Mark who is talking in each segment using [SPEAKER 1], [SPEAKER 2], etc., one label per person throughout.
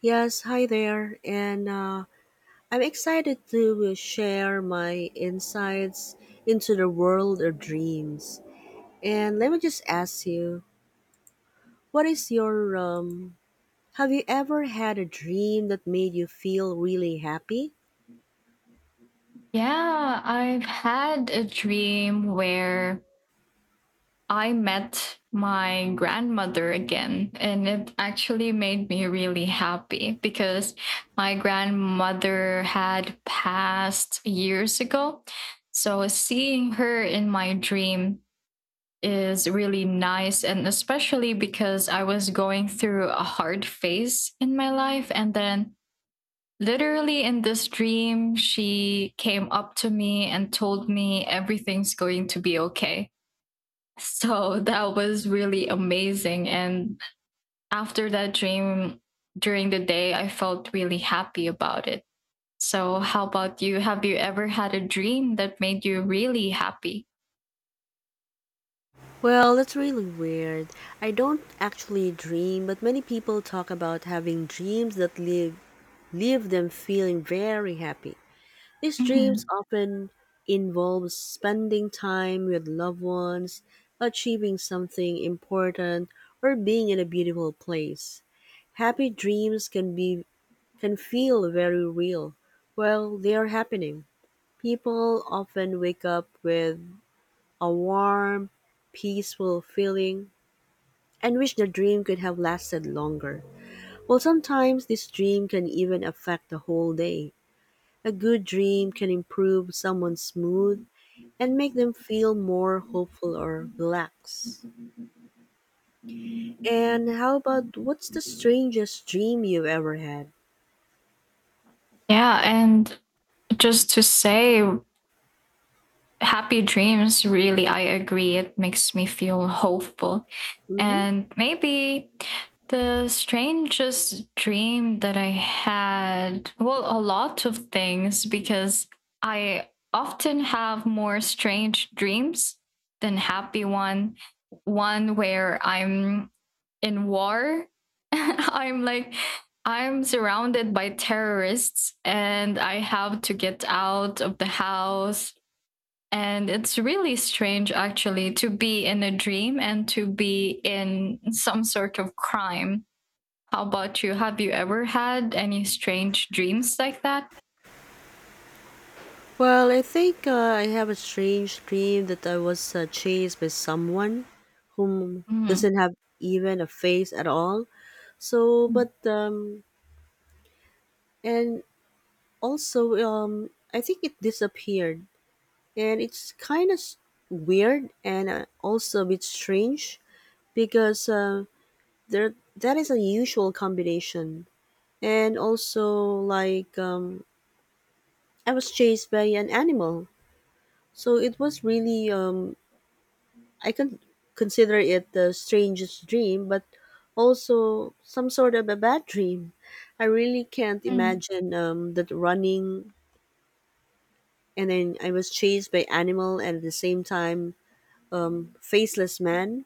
[SPEAKER 1] Yes, hi there. And I'm excited to share my insights into the world of dreams. And let me just ask you, what is have you ever had a dream that made you feel really happy?
[SPEAKER 2] Yeah, I've had a dream where I met my grandmother again, and it actually made me really happy because my grandmother had passed years ago. So seeing her in my dream is really nice, and especially because I was going through a hard phase in my life, and then literally in this dream, she came up to me and told me everything's going to be okay. So that was really amazing. And after that dream, during the day, I felt really happy about it. So, how about you? Have you ever had a dream that made you really happy?
[SPEAKER 1] Well, that's really weird. I don't actually dream, but many people talk about having dreams that leave them feeling very happy. These dreams
[SPEAKER 2] Mhm.
[SPEAKER 1] often involve spending time with loved ones, achieving something important, or being in a beautiful place. Happy dreams can feel very real while they are happening. People often wake up with a warm, peaceful feeling and wish the dream could have lasted longer. Well, sometimes this dream can even affect the whole day. A good dream can improve someone's mood and make them feel more hopeful or relaxed. And how about, what's the strangest dream you've ever had?
[SPEAKER 2] Yeah, and just to say, happy dreams really, I agree, it makes me feel hopeful.
[SPEAKER 1] Hmm.
[SPEAKER 2] And maybe the strangest dream that I had, well, a lot of things because I often have more strange dreams than happy one. Where I'm in war. I'm like, I'm surrounded by terrorists and I have to get out of the house, and it's really strange, actually, to be in a dream and to be in some sort of crime. How about you? Have you ever had any strange dreams like that?
[SPEAKER 1] Well, I think I have a strange dream that I was chased by someone whom
[SPEAKER 2] Mhm.
[SPEAKER 1] doesn't have even a face at all. So, but and also I think it disappeared, and it's weird and also a bit strange because there that is a usual combination, and also I was chased by an animal. So it was really I can consider it the strangest dream, but also some sort of a bad dream. I really can't
[SPEAKER 2] Mm.
[SPEAKER 1] imagine that running, and then I was chased by animal and at the same time, faceless man.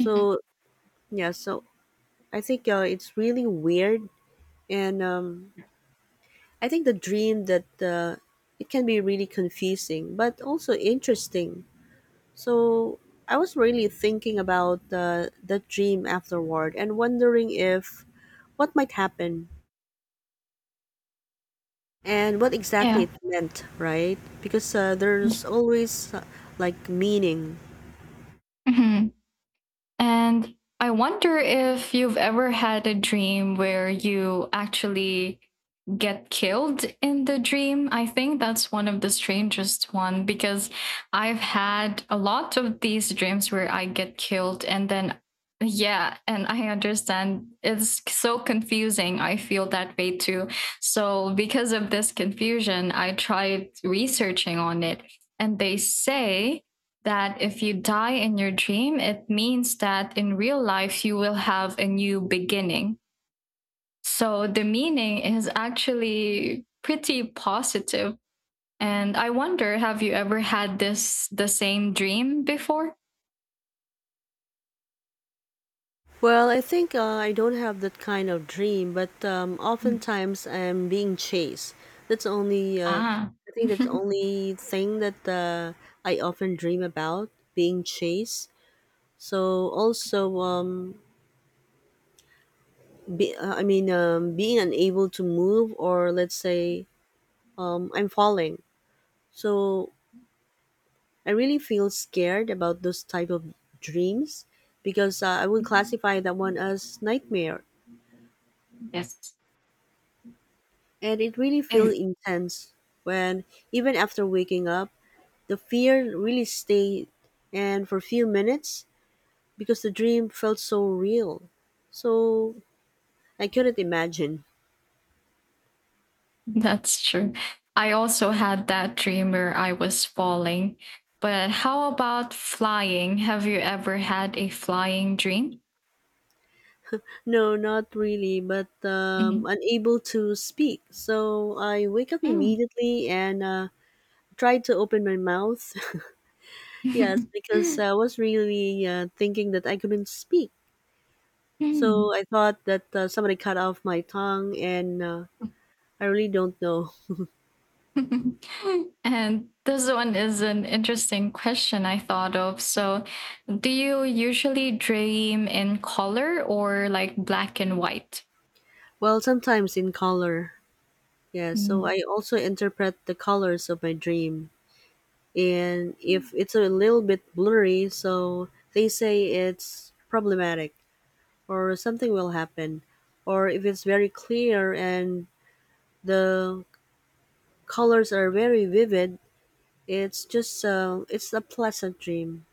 [SPEAKER 2] Mhm.
[SPEAKER 1] yeah so I think it's really weird, and I think the dream that it can be really confusing, but also interesting. So I was really thinking about the dream afterward and wondering if what might happen and what exactly
[SPEAKER 2] Yeah.
[SPEAKER 1] it meant, right? Because there's always like meaning.
[SPEAKER 2] Mhm. And I wonder if you've ever had a dream where you actually get killed in the dream. I think that's one of the strangest one because I've had a lot of these dreams where I get killed and then, yeah, and I understand it's so confusing. I feel that way too. So because of this confusion, I tried researching on it and they say that if you die in your dream, it means that in real life you will have a new beginning. So the meaning is actually pretty positive. And I wonder, have you ever had this the same dream before?
[SPEAKER 1] Well, I think I don't have that kind of dream, but oftentimes I'm being chased. That's only
[SPEAKER 2] Ah.
[SPEAKER 1] I think that's only thing that I often dream about being chased. So also, being unable to move, or let's say, I'm falling. So I really feel scared about those type of dreams because I would classify that one as nightmare.
[SPEAKER 2] Yes.
[SPEAKER 1] And it really feels
[SPEAKER 2] Ex-
[SPEAKER 1] intense when, even after waking up, the fear really stayed and for a few minutes because the dream felt so real. So I couldn't imagine.
[SPEAKER 2] That's true. I also had that dream where I was falling. But how about flying? Have you ever had a flying dream?
[SPEAKER 1] No, not really, but
[SPEAKER 2] Mhm.
[SPEAKER 1] unable to speak. So I wake up
[SPEAKER 2] Mm.
[SPEAKER 1] immediately and tried to open my mouth. Yes, because I was really thinking that I couldn't speak.
[SPEAKER 2] Mm.
[SPEAKER 1] So I thought that somebody cut off my tongue, and I really don't know.
[SPEAKER 2] And this one is an interesting question I thought of. So, do you usually dream in color or like black and white?
[SPEAKER 1] Well, sometimes in color. Yeah, so
[SPEAKER 2] Mm.
[SPEAKER 1] I also interpret the colors of my dream. And if it's a little bit blurry, so they say it's problematic or something will happen. Or if it's very clear and the colors are very vivid, it's just it's a pleasant dream.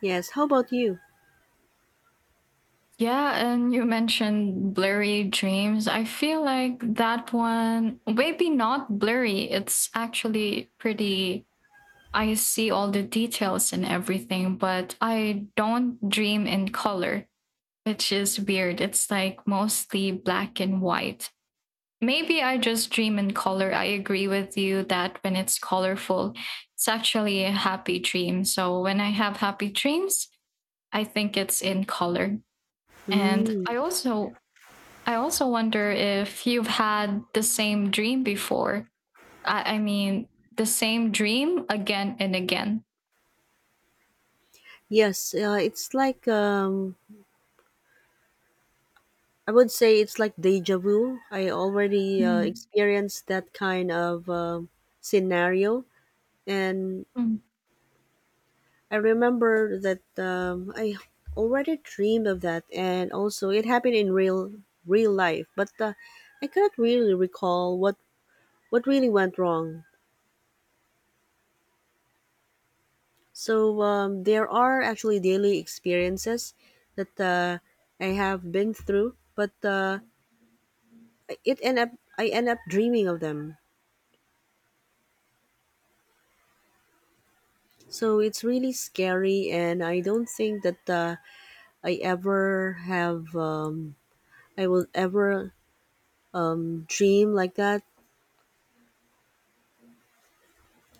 [SPEAKER 1] Yes, how about you?
[SPEAKER 2] Yeah, and you mentioned blurry dreams. I feel like that one, maybe not blurry, it's actually pretty. I see all the details and everything, but I don't dream in color, which is weird. It's like mostly black and white. Maybe I just dream in color. I agree with you that when it's colorful, it's actually a happy dream. So when I have happy dreams, I think it's in color. And
[SPEAKER 1] Mm.
[SPEAKER 2] I also, I also wonder if you've had the same dream before. I mean, the same dream again and again.
[SPEAKER 1] Yes, it's like I would say it's like deja vu. I already
[SPEAKER 2] Mm.
[SPEAKER 1] experienced that kind of scenario, and
[SPEAKER 2] Mm.
[SPEAKER 1] I remember that I already dreamed of that, and also it happened in real life. But I cannot really recall what really went wrong. So there are actually daily experiences that I have been through, but it end up I end up dreaming of them. So it's really scary, and I don't think that I ever I will ever dream like that.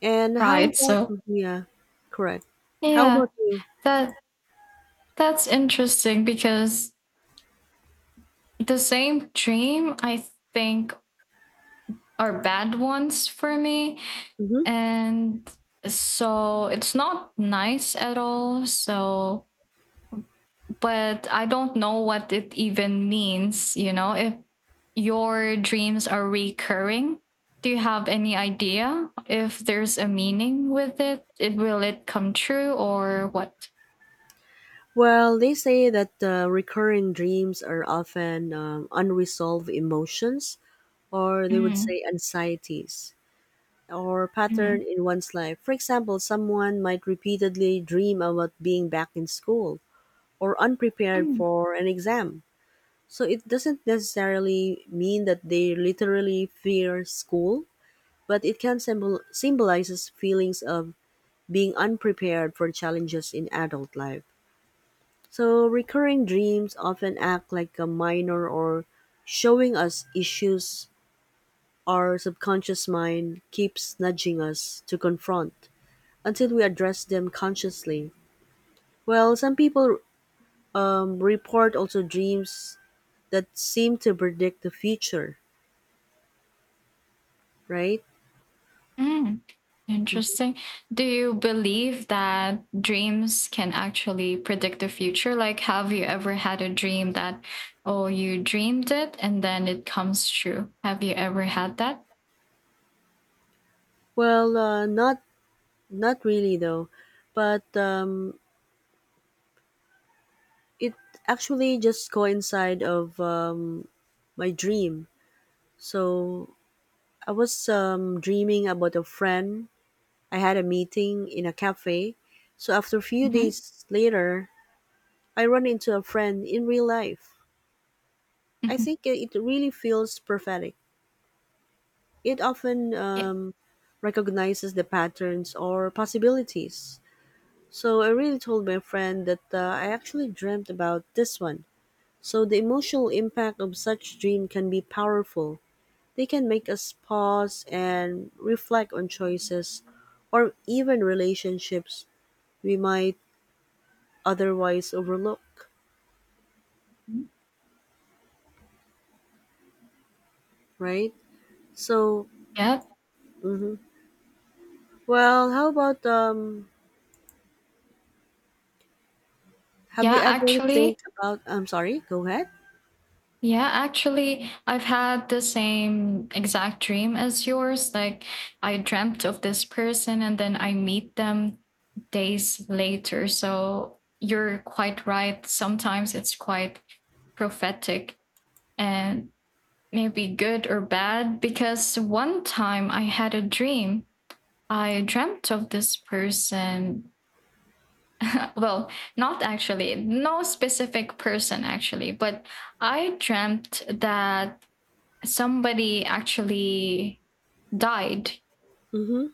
[SPEAKER 1] And how
[SPEAKER 2] Right.
[SPEAKER 1] about,
[SPEAKER 2] So,
[SPEAKER 1] yeah, correct. How
[SPEAKER 2] yeah,
[SPEAKER 1] about you?
[SPEAKER 2] that that's interesting because the same dream, I think, are bad ones for me.
[SPEAKER 1] Hmm.
[SPEAKER 2] And so it's not nice at all. So but I don't know what it even means. You know, if your dreams are recurring, do you have any idea if there's a meaning with it? It will it come true or what?
[SPEAKER 1] Well, they say that recurring dreams are often unresolved emotions, or they would
[SPEAKER 2] Mm,
[SPEAKER 1] say anxieties, or
[SPEAKER 2] mm,
[SPEAKER 1] pattern in one's life. For example, someone might repeatedly dream about being back in school or unprepared
[SPEAKER 2] mm,
[SPEAKER 1] for an exam. So it doesn't necessarily mean that they literally fear school, but it can symbolizes feelings of being unprepared for challenges in adult life. So recurring dreams often act like a minor or showing us issues our subconscious mind keeps nudging us to confront until we address them consciously. Well, some people report also dreams that seem to predict the future, right?
[SPEAKER 2] mm. Interesting. Do you believe that dreams can actually predict the future? Like, have you ever had a dream that, oh, you dreamed it and then it comes true? Have you ever had that?
[SPEAKER 1] Well, not really though, but it actually just coincide of my dream. So I was dreaming about a friend. I had a meeting in a cafe. So after a few
[SPEAKER 2] Mm-hmm.
[SPEAKER 1] days later, I run into a friend in real life. I
[SPEAKER 2] Mm-hmm.
[SPEAKER 1] think it really feels prophetic. It often
[SPEAKER 2] Yeah.
[SPEAKER 1] um, recognizes the patterns or possibilities. So I really told my friend that I actually dreamt about this one. So the emotional impact of such dream can be powerful. They can make us pause and reflect on choices or even relationships we might otherwise overlook,
[SPEAKER 2] Mm.
[SPEAKER 1] right? So,
[SPEAKER 2] Yeah.
[SPEAKER 1] mhm. Well, how about have you
[SPEAKER 2] Yeah,
[SPEAKER 1] ever think
[SPEAKER 2] actually
[SPEAKER 1] about, I'm sorry, go ahead.
[SPEAKER 2] yeah, actually, I've had the same exact dream as yours. Like, I dreamt of this person and then I meet them days later. So, you're quite right. Sometimes it's quite prophetic and maybe good or bad. Because one time I had a dream, I dreamt of this person, well, not actually, no specific person actually, but I dreamt that somebody actually died.
[SPEAKER 1] Mhm.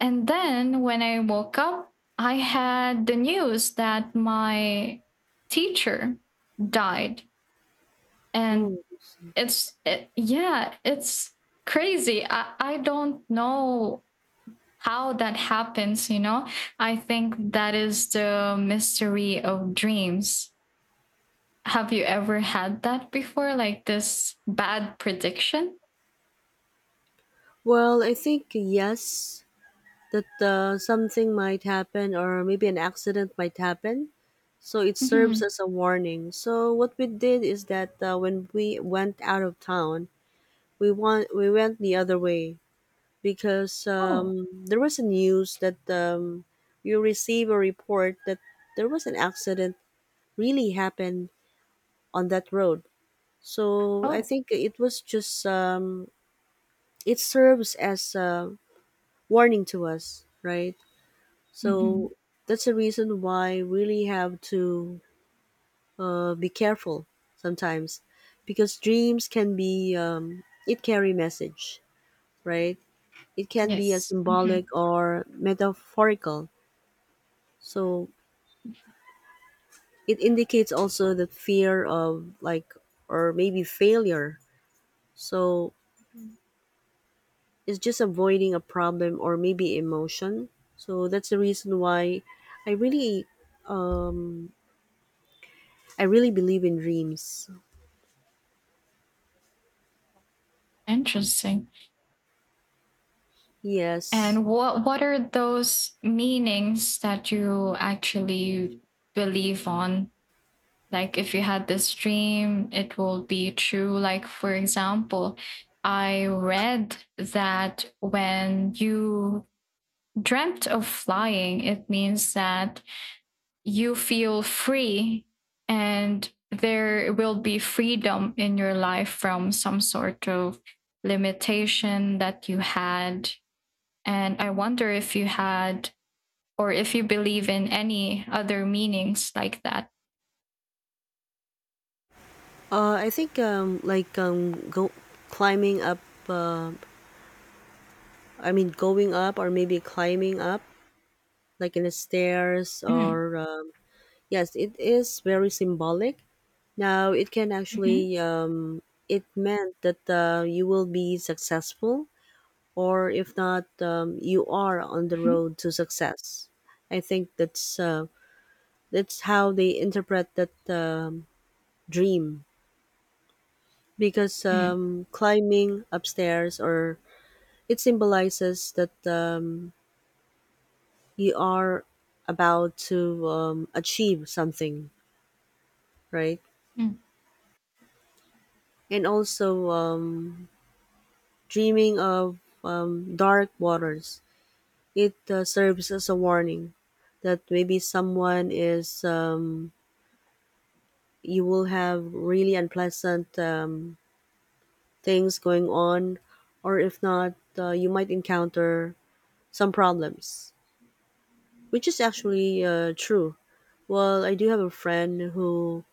[SPEAKER 2] And then when I woke up, I had the news that my teacher died.
[SPEAKER 1] Oh.
[SPEAKER 2] And
[SPEAKER 1] I see.
[SPEAKER 2] yeah, it's crazy. I don't know how that happens, you know? I think that is the mystery of dreams. Have you ever had that before? Like this bad prediction?
[SPEAKER 1] Well, I think yes. That something might happen or maybe an accident might happen. So it
[SPEAKER 2] Mm-hmm.
[SPEAKER 1] serves as a warning. So what we did is that when we went out of town, we went the other way because
[SPEAKER 2] Oh,
[SPEAKER 1] there was a news that you receive a report that there was an accident really happened on that road. So I
[SPEAKER 2] oh,
[SPEAKER 1] think it was just it serves as a warning to us, right?
[SPEAKER 2] mm-hmm.
[SPEAKER 1] So that's the reason why we really have to be careful sometimes, because dreams can be it carry message, right? It can be a
[SPEAKER 2] Yes. Mhm.
[SPEAKER 1] symbolic or metaphorical. So it indicates also the fear of like or maybe failure. So
[SPEAKER 2] Mm.
[SPEAKER 1] it's just avoiding a problem or maybe emotion. So that's the reason why I really I really believe in dreams.
[SPEAKER 2] Interesting.
[SPEAKER 1] Yes.
[SPEAKER 2] And what are those meanings that you actually believe on? Like if you had this dream, it will be true. Like for example, I read that when you dreamt of flying, it means that you feel free and there will be freedom in your life from some sort of limitation that you had. And I wonder if you had or if you believe in any other meanings like that.
[SPEAKER 1] I think like go climbing up. Uh, I mean, going up or maybe climbing up, like in the stairs
[SPEAKER 2] Mm,
[SPEAKER 1] or yes, it is very symbolic. Now it can
[SPEAKER 2] mhm,
[SPEAKER 1] actually it meant that you will be successful, or if not, you are on the
[SPEAKER 2] mhm,
[SPEAKER 1] road to success. I think that's how they interpret that dream because
[SPEAKER 2] mm,
[SPEAKER 1] climbing upstairs or it symbolizes that you are about to achieve something, right?
[SPEAKER 2] mm.
[SPEAKER 1] And also, dreaming of dark waters, it serves as a warning that maybe someone you will have really unpleasant things going on, or if not, you might encounter some problems, which is actually true. Well, I do have a friend who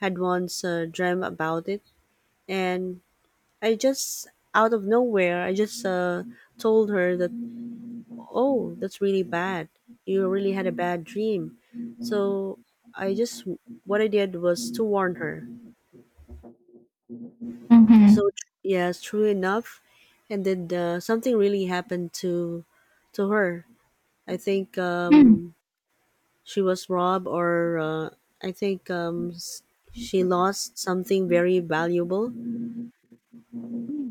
[SPEAKER 1] had once dreamt about it, and I just out of nowhere, I just told her that, oh, that's really bad. You really had a bad dream. So I just what I did was to warn her. So, yes, true enough, and then something really happened to her. I think she was robbed, or I think um, s- she lost something very valuable.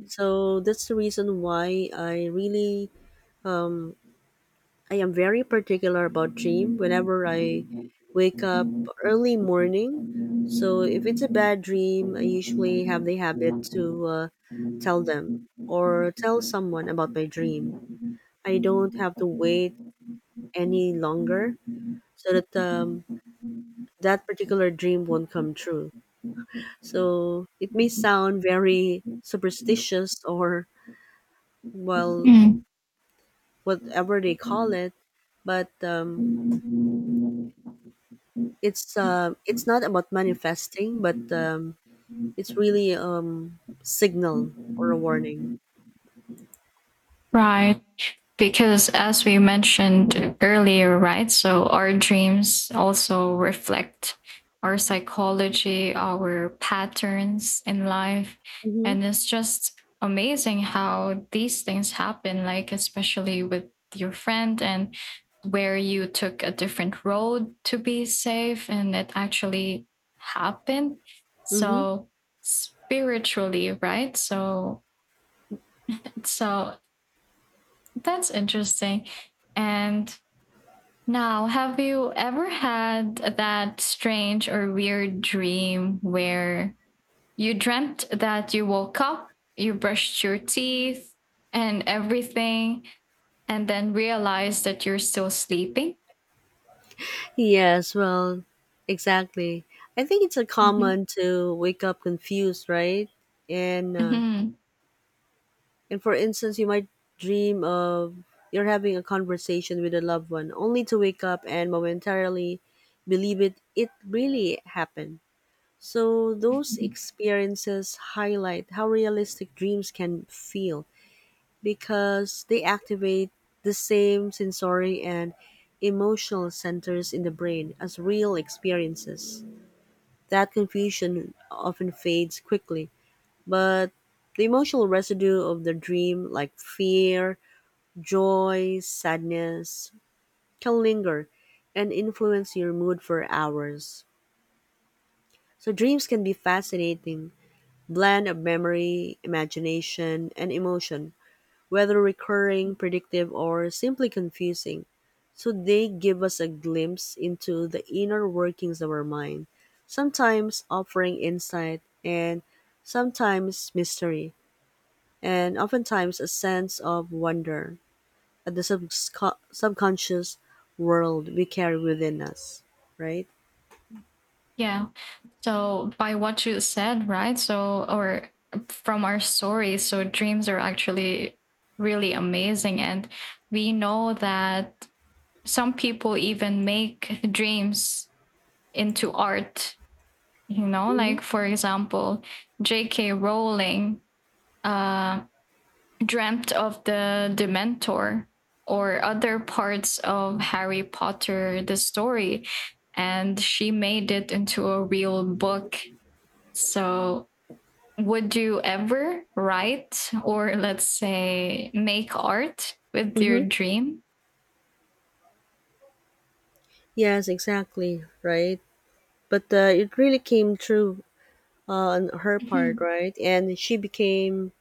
[SPEAKER 1] So that's the reason why um, I am very particular about dream. Whenever I wake up early morning, so if it's a
[SPEAKER 2] Mhm,
[SPEAKER 1] bad dream, I usually
[SPEAKER 2] mm,
[SPEAKER 1] have the habit
[SPEAKER 2] mm.
[SPEAKER 1] to tell
[SPEAKER 2] Mm.
[SPEAKER 1] them or tell someone about my dream. I don't have to wait any longer so that that particular dream won't come true. So it may sound very superstitious or well, whatever they call it, but it's not about manifesting, but it's really signal or a warning.
[SPEAKER 2] Right. Because as we mentioned earlier, right, so our dreams also reflect our psychology, our patterns in life.
[SPEAKER 1] Mm-hmm.
[SPEAKER 2] And it's just amazing how these things happen, like especially with your friend and where you took a different road to be safe and it actually happened.
[SPEAKER 1] Mm-hmm.
[SPEAKER 2] So spiritually, right, so so that's interesting. And now, have you ever had that strange or weird dream where you dreamt that you woke up, you brushed your teeth and everything, and then realized that you're still sleeping?
[SPEAKER 1] Yes, well, exactly, I think it's a
[SPEAKER 2] Hmm.
[SPEAKER 1] common to wake up confused, right? and uh,
[SPEAKER 2] Hmm.
[SPEAKER 1] and for instance, you might dream of you're having a conversation with a loved one only to wake up and momentarily believe it really happened. So, those experiences highlight how realistic dreams can feel because they activate the same sensory and emotional centers in the brain as real experiences. That confusion often fades quickly, but the emotional residue of the dream, like fear, joy, sadness, can linger and influence your mood for hours. So, dreams can be fascinating blend of memory, imagination, and emotion, whether recurring, predictive, or simply confusing. So they give us a glimpse into the inner workings of our mind, sometimes offering insight and sometimes mystery, and oftentimes a sense of wonder at the subconscious world we carry within us, right?
[SPEAKER 2] Yeah. So, by what you said, right? So, or from our story, so dreams are actually really amazing. And we know that some people even make dreams into art, you know,
[SPEAKER 1] Mm-hmm.
[SPEAKER 2] like for example, JK Rowling uh dreamt of the Dementor or other parts of Harry Potter, the story, and she made it into a real book. So would you ever write or let's say make art with your
[SPEAKER 1] Mm-hmm.
[SPEAKER 2] dream?
[SPEAKER 1] Yes, exactly, right? But it really came true on her part,
[SPEAKER 2] Mm-hmm.
[SPEAKER 1] right? And she became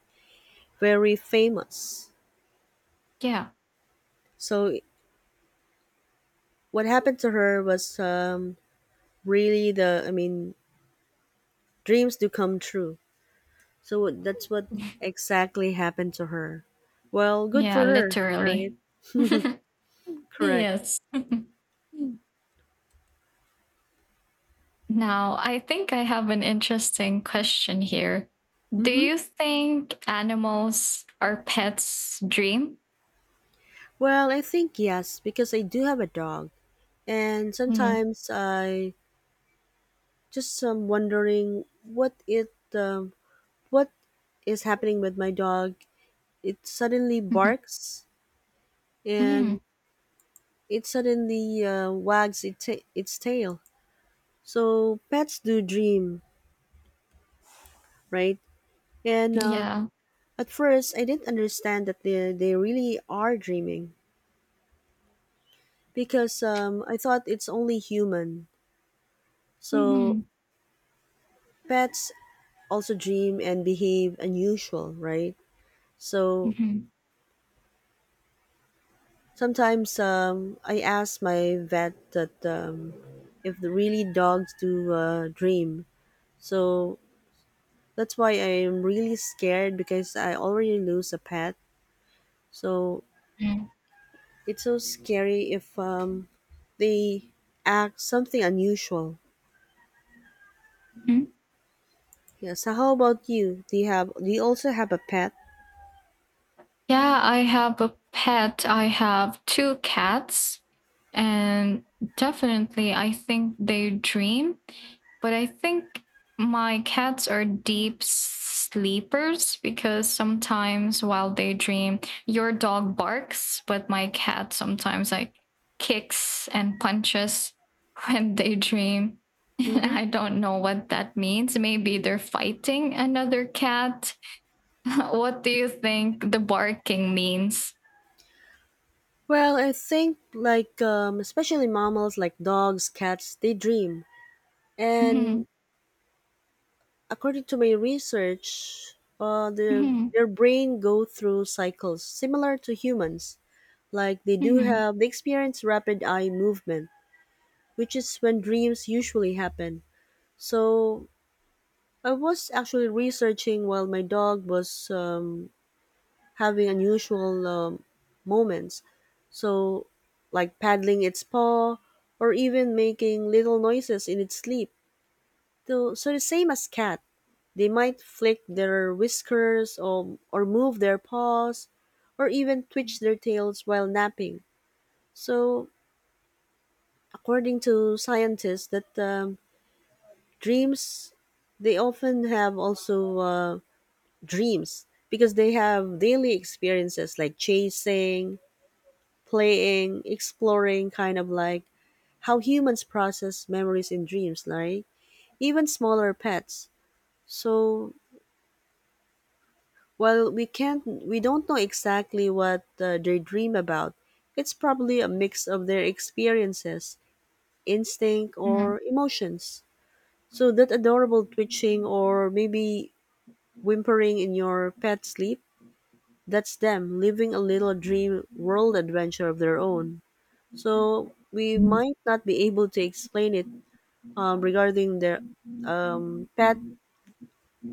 [SPEAKER 1] very famous.
[SPEAKER 2] Yeah.
[SPEAKER 1] So what happened to her was really the, I mean, dreams do come true. So that's what exactly happened to her. Well, good
[SPEAKER 2] Yeah,
[SPEAKER 1] for her, right?
[SPEAKER 2] literally.
[SPEAKER 1] Correct.
[SPEAKER 2] Yes. Now, I think I have an interesting question here. Do
[SPEAKER 1] Mm-hmm.
[SPEAKER 2] you think animals are pets' dream?
[SPEAKER 1] Well, I think yes, because I do have a dog, and
[SPEAKER 2] Mm,
[SPEAKER 1] sometimes I just am wondering what it what is happening with my dog. It suddenly
[SPEAKER 2] mhm,
[SPEAKER 1] barks, and
[SPEAKER 2] mm,
[SPEAKER 1] it suddenly wags its tail. So pets do dream, right? And
[SPEAKER 2] yeah.
[SPEAKER 1] At first, I didn't understand that they really are dreaming because I thought it's only human. So
[SPEAKER 2] Mhm,
[SPEAKER 1] pets also dream and behave unusual, right? So
[SPEAKER 2] mhm,
[SPEAKER 1] sometimes I ask my vet that if the really dogs do dream. So that's why I'm really scared because I already lose a pet. So
[SPEAKER 2] mm.
[SPEAKER 1] it's so scary if they act something unusual.
[SPEAKER 2] Mhm.
[SPEAKER 1] Yeah. So how about you? Do you have? Do you also have a pet?
[SPEAKER 2] Yeah, I have a pet. I have two cats, and definitely, I think they dream. But I think my cats are deep sleepers because sometimes while they dream, your dog barks, but my cat sometimes like kicks and punches when they dream.
[SPEAKER 1] Mm-hmm.
[SPEAKER 2] I don't know what that means. Maybe they're fighting another cat. What do you think the barking means?
[SPEAKER 1] Well, I think like especially mammals like dogs, cats, they dream, and
[SPEAKER 2] Mhm,
[SPEAKER 1] according to my research, uh, their
[SPEAKER 2] mhm,
[SPEAKER 1] their brain go through cycles similar to humans. Like they do
[SPEAKER 2] mhm,
[SPEAKER 1] have, they experience rapid eye movement which is when dreams usually happen. So I was actually researching while my dog was having unusual moments. So, like paddling its paw or even making little noises in its sleep. So the same as cat, they might flick their whiskers or move their paws or even twitch their tails while napping. So, according to scientists, that dreams they often have also dreams because they have daily experiences like chasing, playing, exploring, kind of like how humans process memories in dreams, like even smaller pets. So while we don't know exactly what they dream about, it's probably a mix of their experiences, instinct, or emotions. So that adorable twitching, or maybe whimpering in your pet sleep, that's them living a little dream world adventure of their own. So we
[SPEAKER 2] mhm.
[SPEAKER 1] might not be able to explain it. Regarding their pet,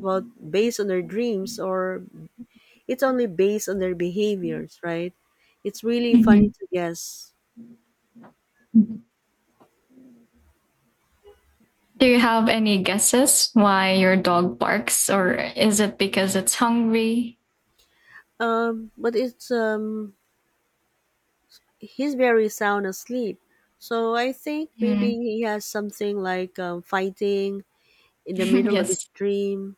[SPEAKER 1] well, based on their dreams, or it's only based on their behaviors, right? It's really funny to guess.
[SPEAKER 2] Do you have any guesses why your dog barks, or is it because it's hungry?
[SPEAKER 1] But it's he's very sound asleep. So I think maybe
[SPEAKER 2] Mhm.
[SPEAKER 1] he has something like fighting in the middle of his
[SPEAKER 2] Yes.
[SPEAKER 1] dream.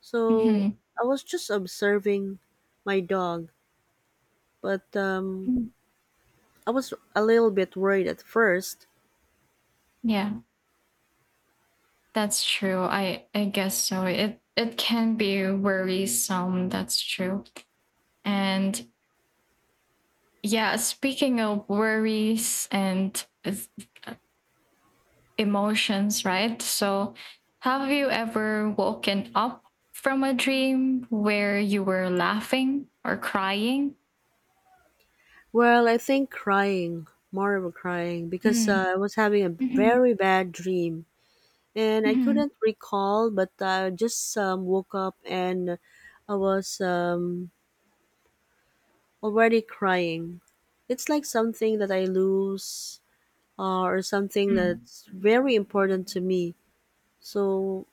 [SPEAKER 1] So
[SPEAKER 2] Hmm.
[SPEAKER 1] I was just observing my dog, but I was a little bit worried at first.
[SPEAKER 2] Yeah, that's true. I guess so. It can be worrisome. That's true. And yeah, speaking of worries and uh, emotions, right? So, have you ever woken up from a dream where you were laughing or crying?
[SPEAKER 1] Well, I think crying, more of a crying, because
[SPEAKER 2] Mm.
[SPEAKER 1] I was having a
[SPEAKER 2] Hmm.
[SPEAKER 1] very bad dream, and I
[SPEAKER 2] Hmm.
[SPEAKER 1] couldn't recall, but I just woke up and I was already crying. It's like something that I lose or something that's very important to me. So,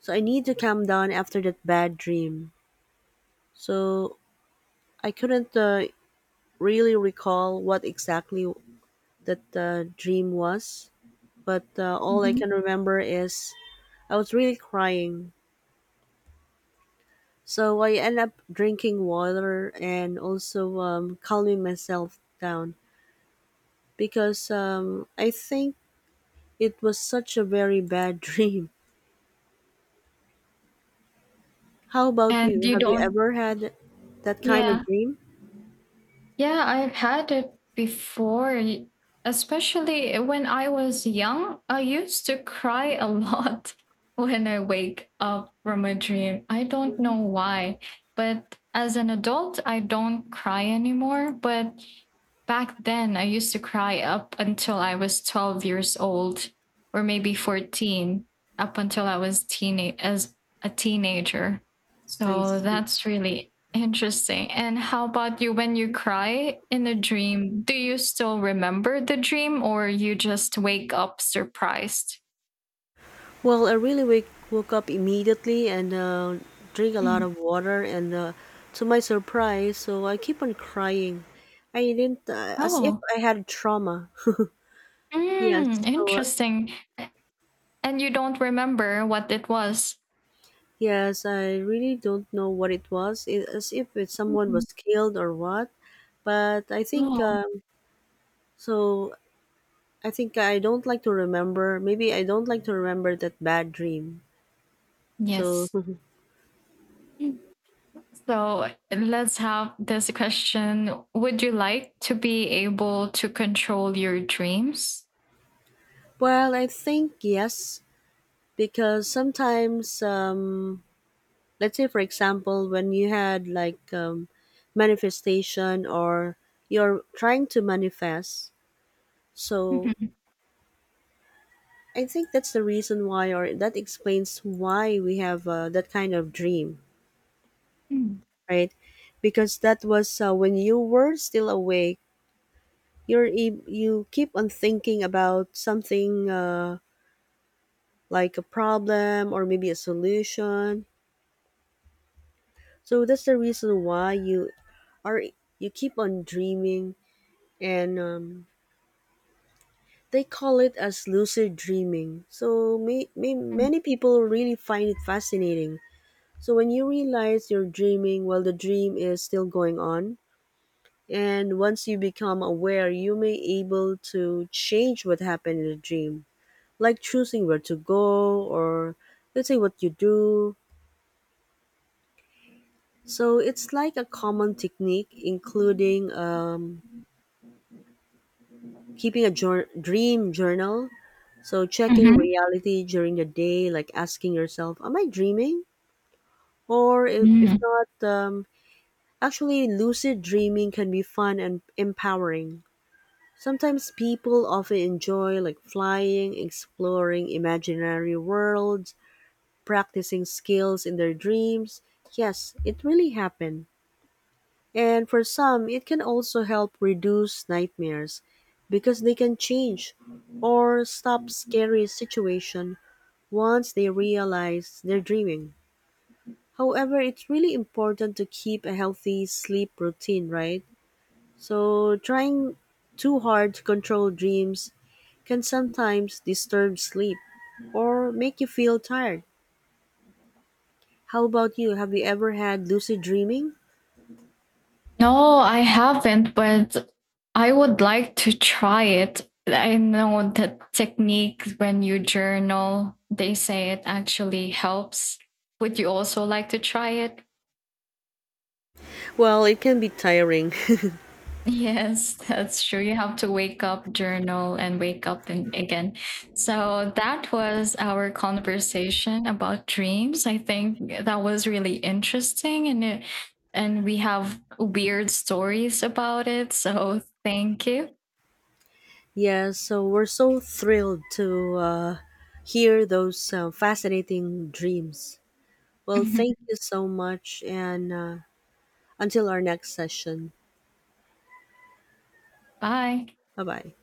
[SPEAKER 1] so I need to calm down after that bad dream. So I couldn't really recall what exactly that dream was, but all I can
[SPEAKER 2] Hmm.
[SPEAKER 1] remember is I was really crying. So I end up drinking water and also calming myself down because I think it was such a very bad dream. How about
[SPEAKER 2] And
[SPEAKER 1] you?
[SPEAKER 2] you
[SPEAKER 1] Have you
[SPEAKER 2] don't,
[SPEAKER 1] ever had that kind
[SPEAKER 2] yeah.
[SPEAKER 1] of dream?
[SPEAKER 2] Yeah, I've had it before, y- especially when I was young. I used to cry a lot when I wake up from a dream. I don't
[SPEAKER 1] Hmm.
[SPEAKER 2] know why, but as an adult, I don't cry anymore. But back then, I used to cry up until I was 12 years old or maybe 14, up until I was teenage as a teenager.
[SPEAKER 1] I
[SPEAKER 2] So
[SPEAKER 1] see.
[SPEAKER 2] that's really interesting. And how about you when you cry in a dream? Do you still remember the dream or you just wake up surprised?
[SPEAKER 1] Well, I really wake, woke up immediately and drink a lot
[SPEAKER 2] Mm.
[SPEAKER 1] of water, and to my surprise, so I keep on crying. I didn't, as if
[SPEAKER 2] Oh,
[SPEAKER 1] I had trauma.
[SPEAKER 2] mm,
[SPEAKER 1] Yes, so
[SPEAKER 2] interesting. And you don't remember what it was.
[SPEAKER 1] yes, I really don't know what it was, it, as if it, someone
[SPEAKER 2] Mm.
[SPEAKER 1] was killed or what. But I think
[SPEAKER 2] Oh,
[SPEAKER 1] so. I think I don't like to remember. Maybe I don't like to remember that bad dream. So
[SPEAKER 2] yes. So let's have this question. Would you like to be able to control your dreams?
[SPEAKER 1] well, I think yes, because sometimes let's say for example when you had like manifestation or you're trying to manifest. So
[SPEAKER 2] Mhm.
[SPEAKER 1] I think that's the reason why, or that explains why we have that kind of dream, right? Because that was when you were still awake, you keep on thinking about something like a problem or maybe a solution. So that's the reason why are you keep on dreaming. And they call it as lucid dreaming. So many people really find it fascinating. So when you realize you're dreaming while the dream is still going on, and once you become aware, you may able to change what happened in the dream, like choosing where to go or let's say what you do. So it's like a common technique, including keeping a dream journal. So checking
[SPEAKER 2] Mhm.
[SPEAKER 1] reality during the day, like asking yourself, "Am I dreaming?" Or if
[SPEAKER 2] Mm.
[SPEAKER 1] not, actually, lucid dreaming can be fun and empowering. Sometimes people often enjoy like flying, exploring imaginary worlds, practicing skills in their dreams. Yes, it really happened. And for some, it can also help reduce nightmares because they can change or stop scary situation once they realize they're dreaming. However, it's really important to keep a healthy sleep routine, right? So, trying too hard to control dreams can sometimes disturb sleep or make you feel tired. How about you? Have you ever had lucid dreaming?
[SPEAKER 2] No, I haven't, but I would like to try it. I know the technique when you journal, they say it actually helps. Would you also like to try it?
[SPEAKER 1] Well, it can be tiring.
[SPEAKER 2] Yes, that's true. You have to wake up, journal, and wake up and again. So that was our conversation about dreams. I think that was really interesting, and and we have weird stories about it. So thank you.
[SPEAKER 1] Yeah, so we're so thrilled to hear those fascinating dreams. Well, thank you so much, and until our next session.
[SPEAKER 2] Bye.
[SPEAKER 1] Bye bye.